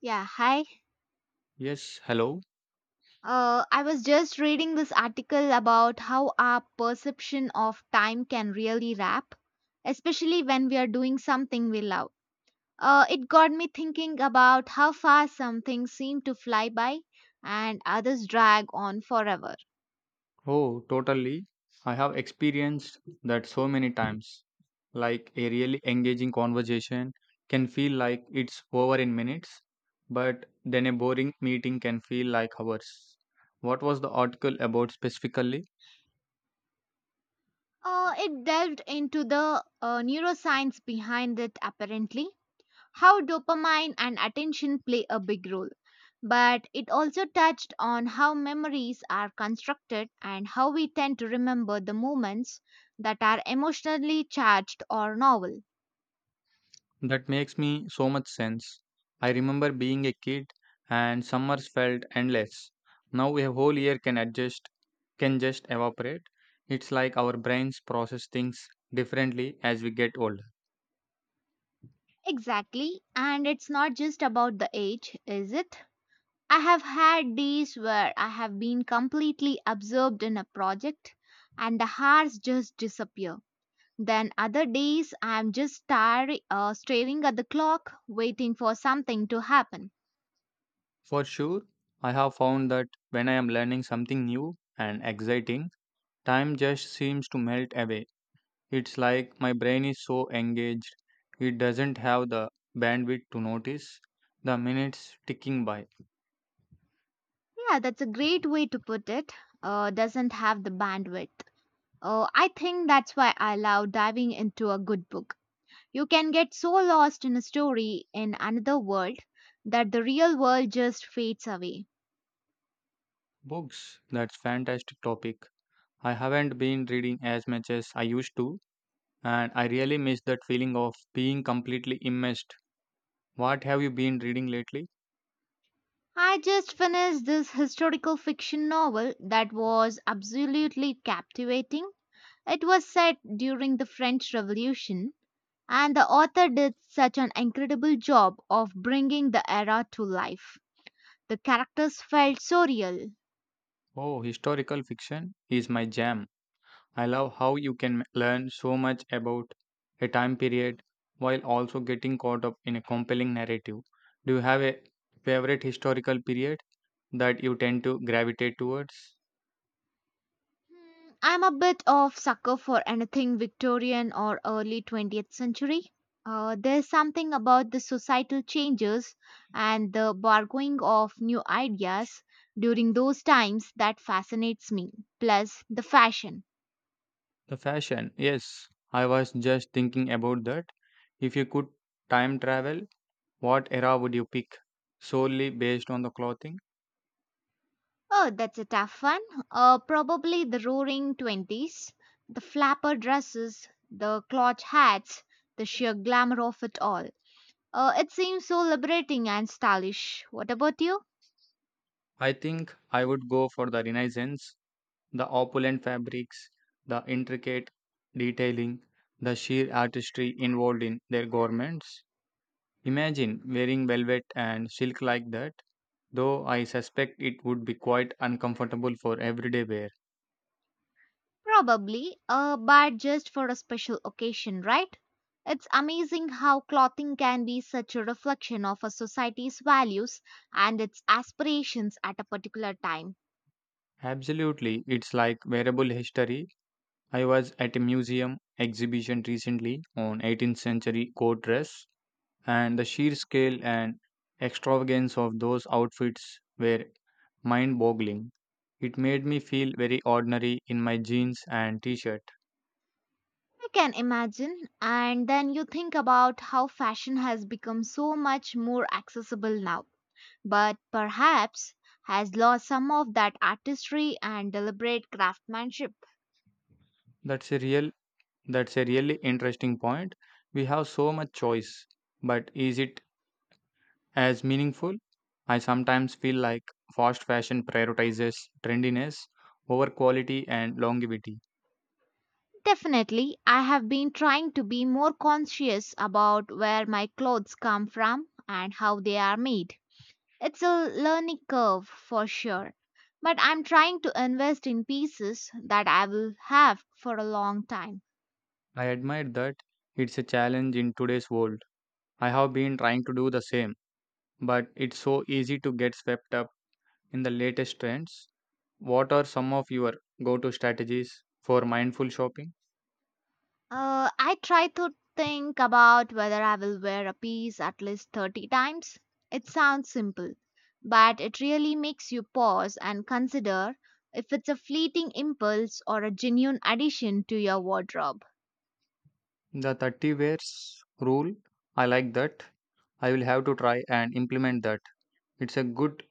Yeah, hi. Yes, hello. I was just reading this article about how our perception of time can really wrap, especially when we are doing something we love. It got me thinking about how fast some things seem to fly by and others drag on forever. Oh, totally. I have experienced that so many times. Like a really engaging conversation can feel like it's over in minutes, but then a boring meeting can feel like hours. What was the article about specifically? It delved into the neuroscience behind it, apparently, how dopamine and attention play a big role, but it also touched on how memories are constructed and how we tend to remember the moments that are emotionally charged or novel. That makes me so much sense. I remember being a kid and summers felt endless. Now a whole year can adjust, can just evaporate. It's like our brains process things differently as we get older. Exactly, and it's not just about the age, is it? I have had days where I have been completely absorbed in a project and the hours just disappear. Then other days I'm just staring at the clock waiting for something to happen. For sure, I have found that when I am learning something new and exciting, time just seems to melt away. It's like my brain is so engaged, it doesn't have the bandwidth to notice the minutes ticking by. Yeah, that's a great way to put it. Doesn't have the bandwidth. I think that's why I love diving into a good book. You can get so lost in a story in another world that the real world just fades away. Books, that's fantastic topic. I haven't been reading as much as I used to, and I really miss that feeling of being completely immersed. What have you been reading lately? I just finished this historical fiction novel that was absolutely captivating. It was set during the French Revolution, and the author did such an incredible job of bringing the era to life. The characters felt so real. Oh, historical fiction is my jam. I love how you can learn so much about a time period while also getting caught up in a compelling narrative. Do you have a favorite historical period that you tend to gravitate towards? Hmm, I'm a bit of sucker for anything Victorian or early 20th century. There's something about the societal changes and the borrowing of new ideas during those times that fascinates me. Plus the fashion. The fashion, yes. I was just thinking about that. If you could time travel, what era would you pick? Solely based on the clothing? Oh, that's a tough one. Probably the Roaring Twenties, the flapper dresses, the cloth hats, the sheer glamour of it all. It seems so liberating and stylish. What about you? I think I would go for the Renaissance. The opulent fabrics, the intricate detailing, the sheer artistry involved in their garments. Imagine wearing velvet and silk like that, though I suspect it would be quite uncomfortable for everyday wear. Probably a but just for a special occasion, right? It's amazing how clothing can be such a reflection of a society's values and its aspirations at a particular time. Absolutely, it's like wearable history. I was at a museum exhibition recently on 18th century court dress, and the sheer scale and extravagance of those outfits were mind boggling. It made me feel very ordinary in my jeans and t shirt. I can imagine. And then you think about how fashion has become so much more accessible now, but perhaps has lost some of that artistry and deliberate craftsmanship. That's a real that's a really interesting point. We have so much choice, but is it as meaningful? I sometimes feel like fast fashion prioritizes trendiness over quality and longevity. Definitely, I have been trying to be more conscious about where my clothes come from and how they are made. It's a learning curve for sure, but I'm trying to invest in pieces that I will have for a long time. I admire that it's a challenge in today's world. I have been trying to do the same, but it's so easy to get swept up in the latest trends. What are some of your go to strategies for mindful shopping? I try to think about whether I will wear a piece at least 30 times. It sounds simple, but it really makes you pause and consider if it's a fleeting impulse or a genuine addition to your wardrobe. The 30 wears rule, I like that. I will have to try and implement that. It's a good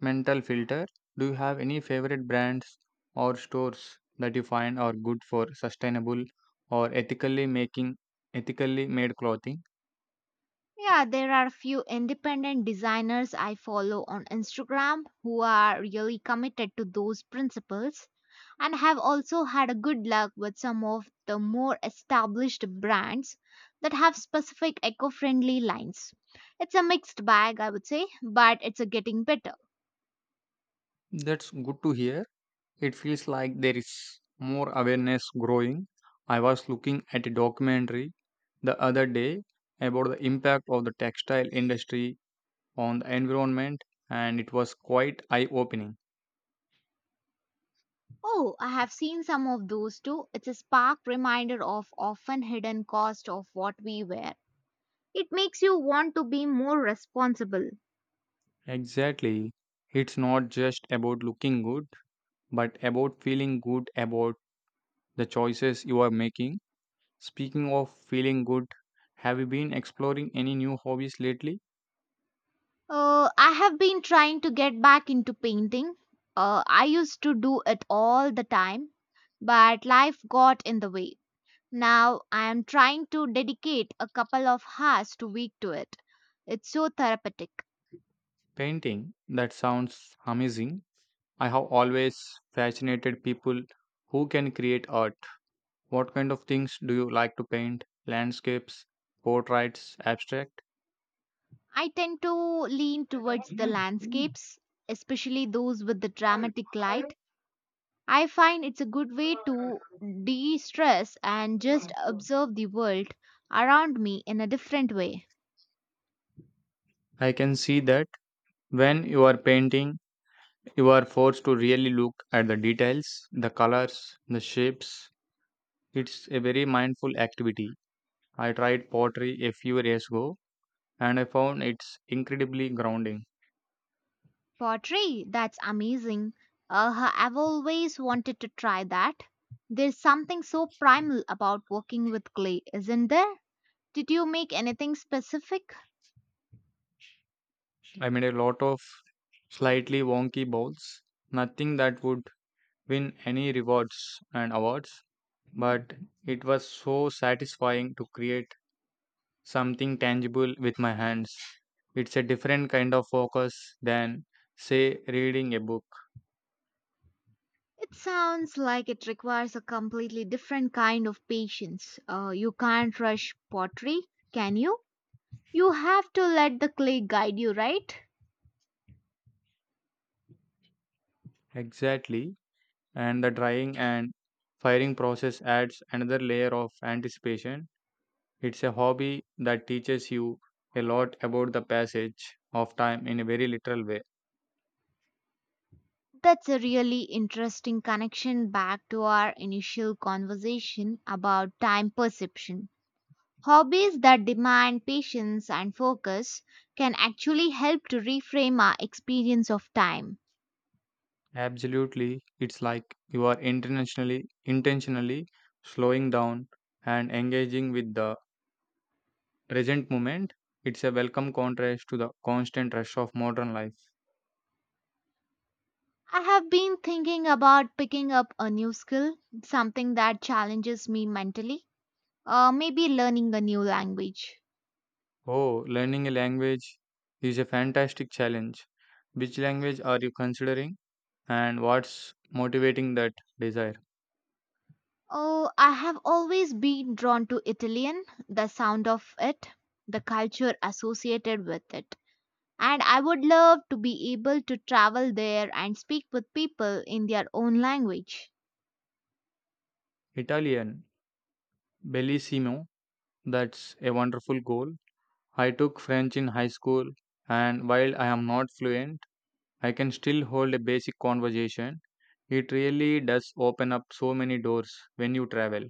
mental filter. Do you have any favorite brands or stores that you find are good for sustainable or ethically made clothing? Yeah, there are a few independent designers I follow on Instagram who are really committed to those principles and have also had a good luck with some of the more established brands that have specific eco-friendly lines. It's a mixed bag, I would say, but it's a getting better. That's good to hear. It feels like there is more awareness growing. I was looking at a documentary the other day about the impact of the textile industry on the environment, and it was quite eye opening. Oh, I have seen some of those too. It's a spark reminder of often hidden cost of what we wear. It makes you want to be more responsible. Exactly. It's not just about looking good, but about feeling good about the choices you are making. Speaking of feeling good, have you been exploring any new hobbies lately? I have been trying to get back into painting. I used to do it all the time, but life got in the way. Now I am trying to dedicate a couple of hours to week to it. It's so therapeutic. Painting. That sounds amazing. I have always fascinated people who can create art. What kind of things do you like to paint? Landscapes, portraits, abstract? I tend to lean towards the landscapes, especially those with the dramatic light. I find it's a good way to de stress and just observe the world around me in a different way. I can see that when you are painting, you are forced to really look at the details, the colors, the shapes. It's a very mindful activity. I tried pottery a few years ago and I found it's incredibly grounding. Pottery, that's amazing. I've always wanted to try that. There's something so primal about working with clay, isn't there? Did you make anything specific? I made a lot of slightly wonky bowls, nothing that would win any rewards and awards, but it was so satisfying to create something tangible with my hands. It's a different kind of focus than, say, reading a book. It sounds like it requires a completely different kind of patience. You can't rush pottery, can you? You have to let the clay guide you, right? Exactly. And the drying and firing process adds another layer of anticipation. It's a hobby that teaches you a lot about the passage of time in a very literal way. That's a really interesting connection back to our initial conversation about time perception. Hobbies that demand patience and focus can actually help to reframe our experience of time. Absolutely. It's like you are intentionally slowing down and engaging with the present moment, it's a welcome contrast to the constant rush of modern life. I have been thinking about picking up a new skill, something that challenges me mentally, or maybe learning a new language. Oh, learning a language is a fantastic challenge. Which language are you considering and what's motivating that desire? Oh, I have always been drawn to Italian, the sound of it, the culture associated with it. And I would love to be able to travel there and speak with people in their own language. Italian, bellissimo, that's a wonderful goal. I took French in high school, and while I am not fluent, I can still hold a basic conversation. It really does open up so many doors when you travel.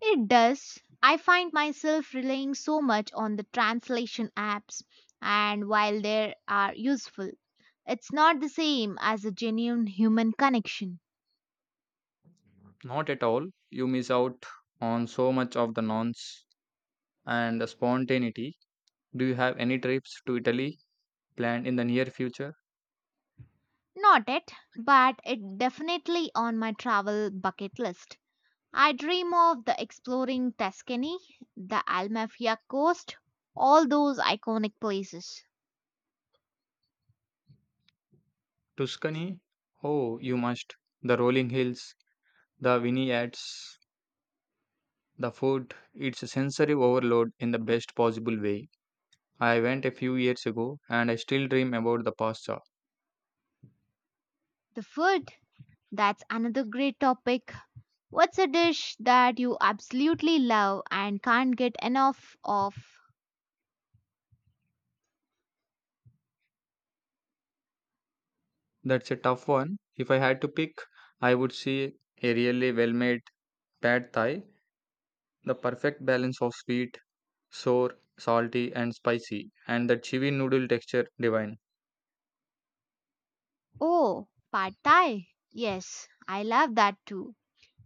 It does. I find myself relying so much on the translation apps, and while they are useful, it's not the same as a genuine human connection. Not at all. You miss out on so much of the nonce and the spontaneity. Do you have any trips to Italy planned in the near future? Not it, but it definitely on my travel bucket list. I dream of the exploring Tuscany, the Almafia coast, all those iconic places. Tuscany? Oh, you must. The rolling hills, the vineyards, the food. It's a sensory overload in the best possible way. I went a few years ago and I still dream about the pasta. The food, that's another great topic. What's a dish that you absolutely love and can't get enough of? That's a tough one. If I had to pick, I would say a really well made pad thai, the perfect balance of sweet sour, salty, and spicy, and that chewy noodle texture divine. Oh, pad thai. Yes, I love that too,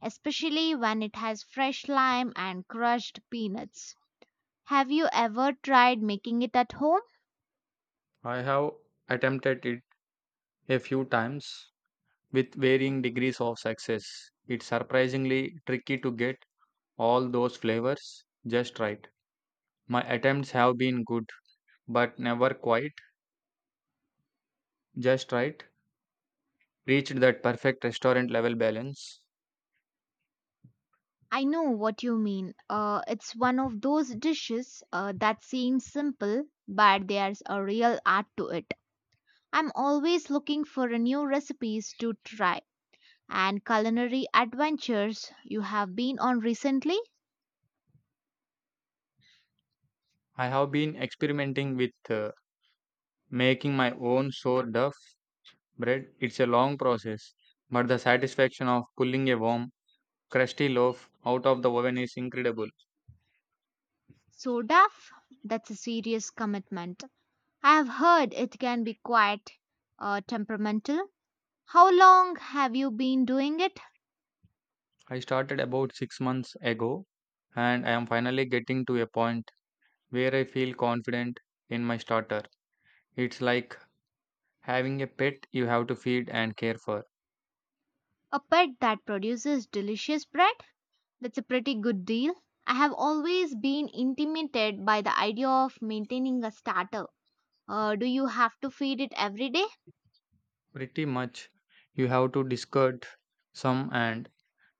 especially when it has fresh lime and crushed peanuts. Have you ever tried making it at home? I have attempted it a few times with varying degrees of success. It's surprisingly tricky to get all those flavors just right. My attempts have been good, but never quite just right. Reached that perfect restaurant level balance. I know what you mean. It's one of those dishes that seems simple, but there's a real art to it. I'm always looking for new recipes to try. And culinary adventures you have been on recently? I have been experimenting with making my own sourdough bread. It's a long process, but the satisfaction of pulling a warm crusty loaf out of the oven is incredible. So, Duff, that's a serious commitment. I have heard it can be quite temperamental. How long have you been doing it? I started about 6 months ago and I am finally getting to a point where I feel confident in my starter. It's like having a pet you have to feed and care for. A pet that produces delicious bread? That's a pretty good deal. I have always been intimidated by the idea of maintaining a starter. Do you have to feed it every day? Pretty much, you have to discard some and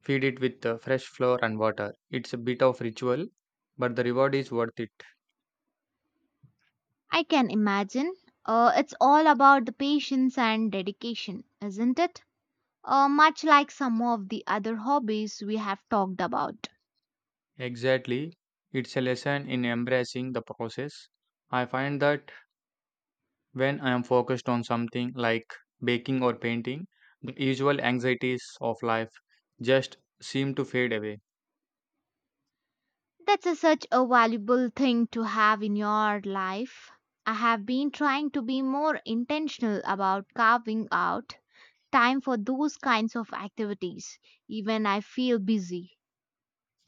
feed it with fresh flour and water. It's a bit of ritual, but the reward is worth it. I can imagine. It's all about the patience and dedication, isn't it? Much like some of the other hobbies we have talked about. Exactly, it's a lesson in embracing the process. I find that when I am focused on something like baking or painting, the usual anxieties of life just seem to fade away. That's a, such a valuable thing to have in your life. I have been trying to be more intentional about carving out time for those kinds of activities, even I feel busy.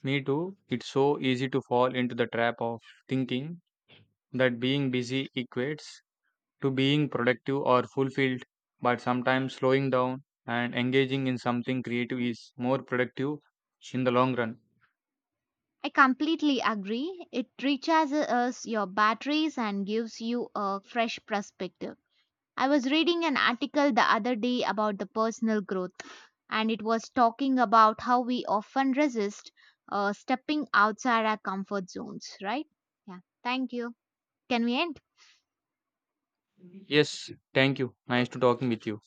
Me too, it's so easy to fall into the trap of thinking that being busy equates to being productive or fulfilled, but sometimes slowing down and engaging in something creative is more productive in the long run. I completely agree. It recharges your batteries and gives you a fresh perspective. I was reading an article the other day about the personal growth, and it was talking about how we often resist stepping outside our comfort zones, right? Yeah, thank you. Can we end? Yes, thank you. Nice to talking with you.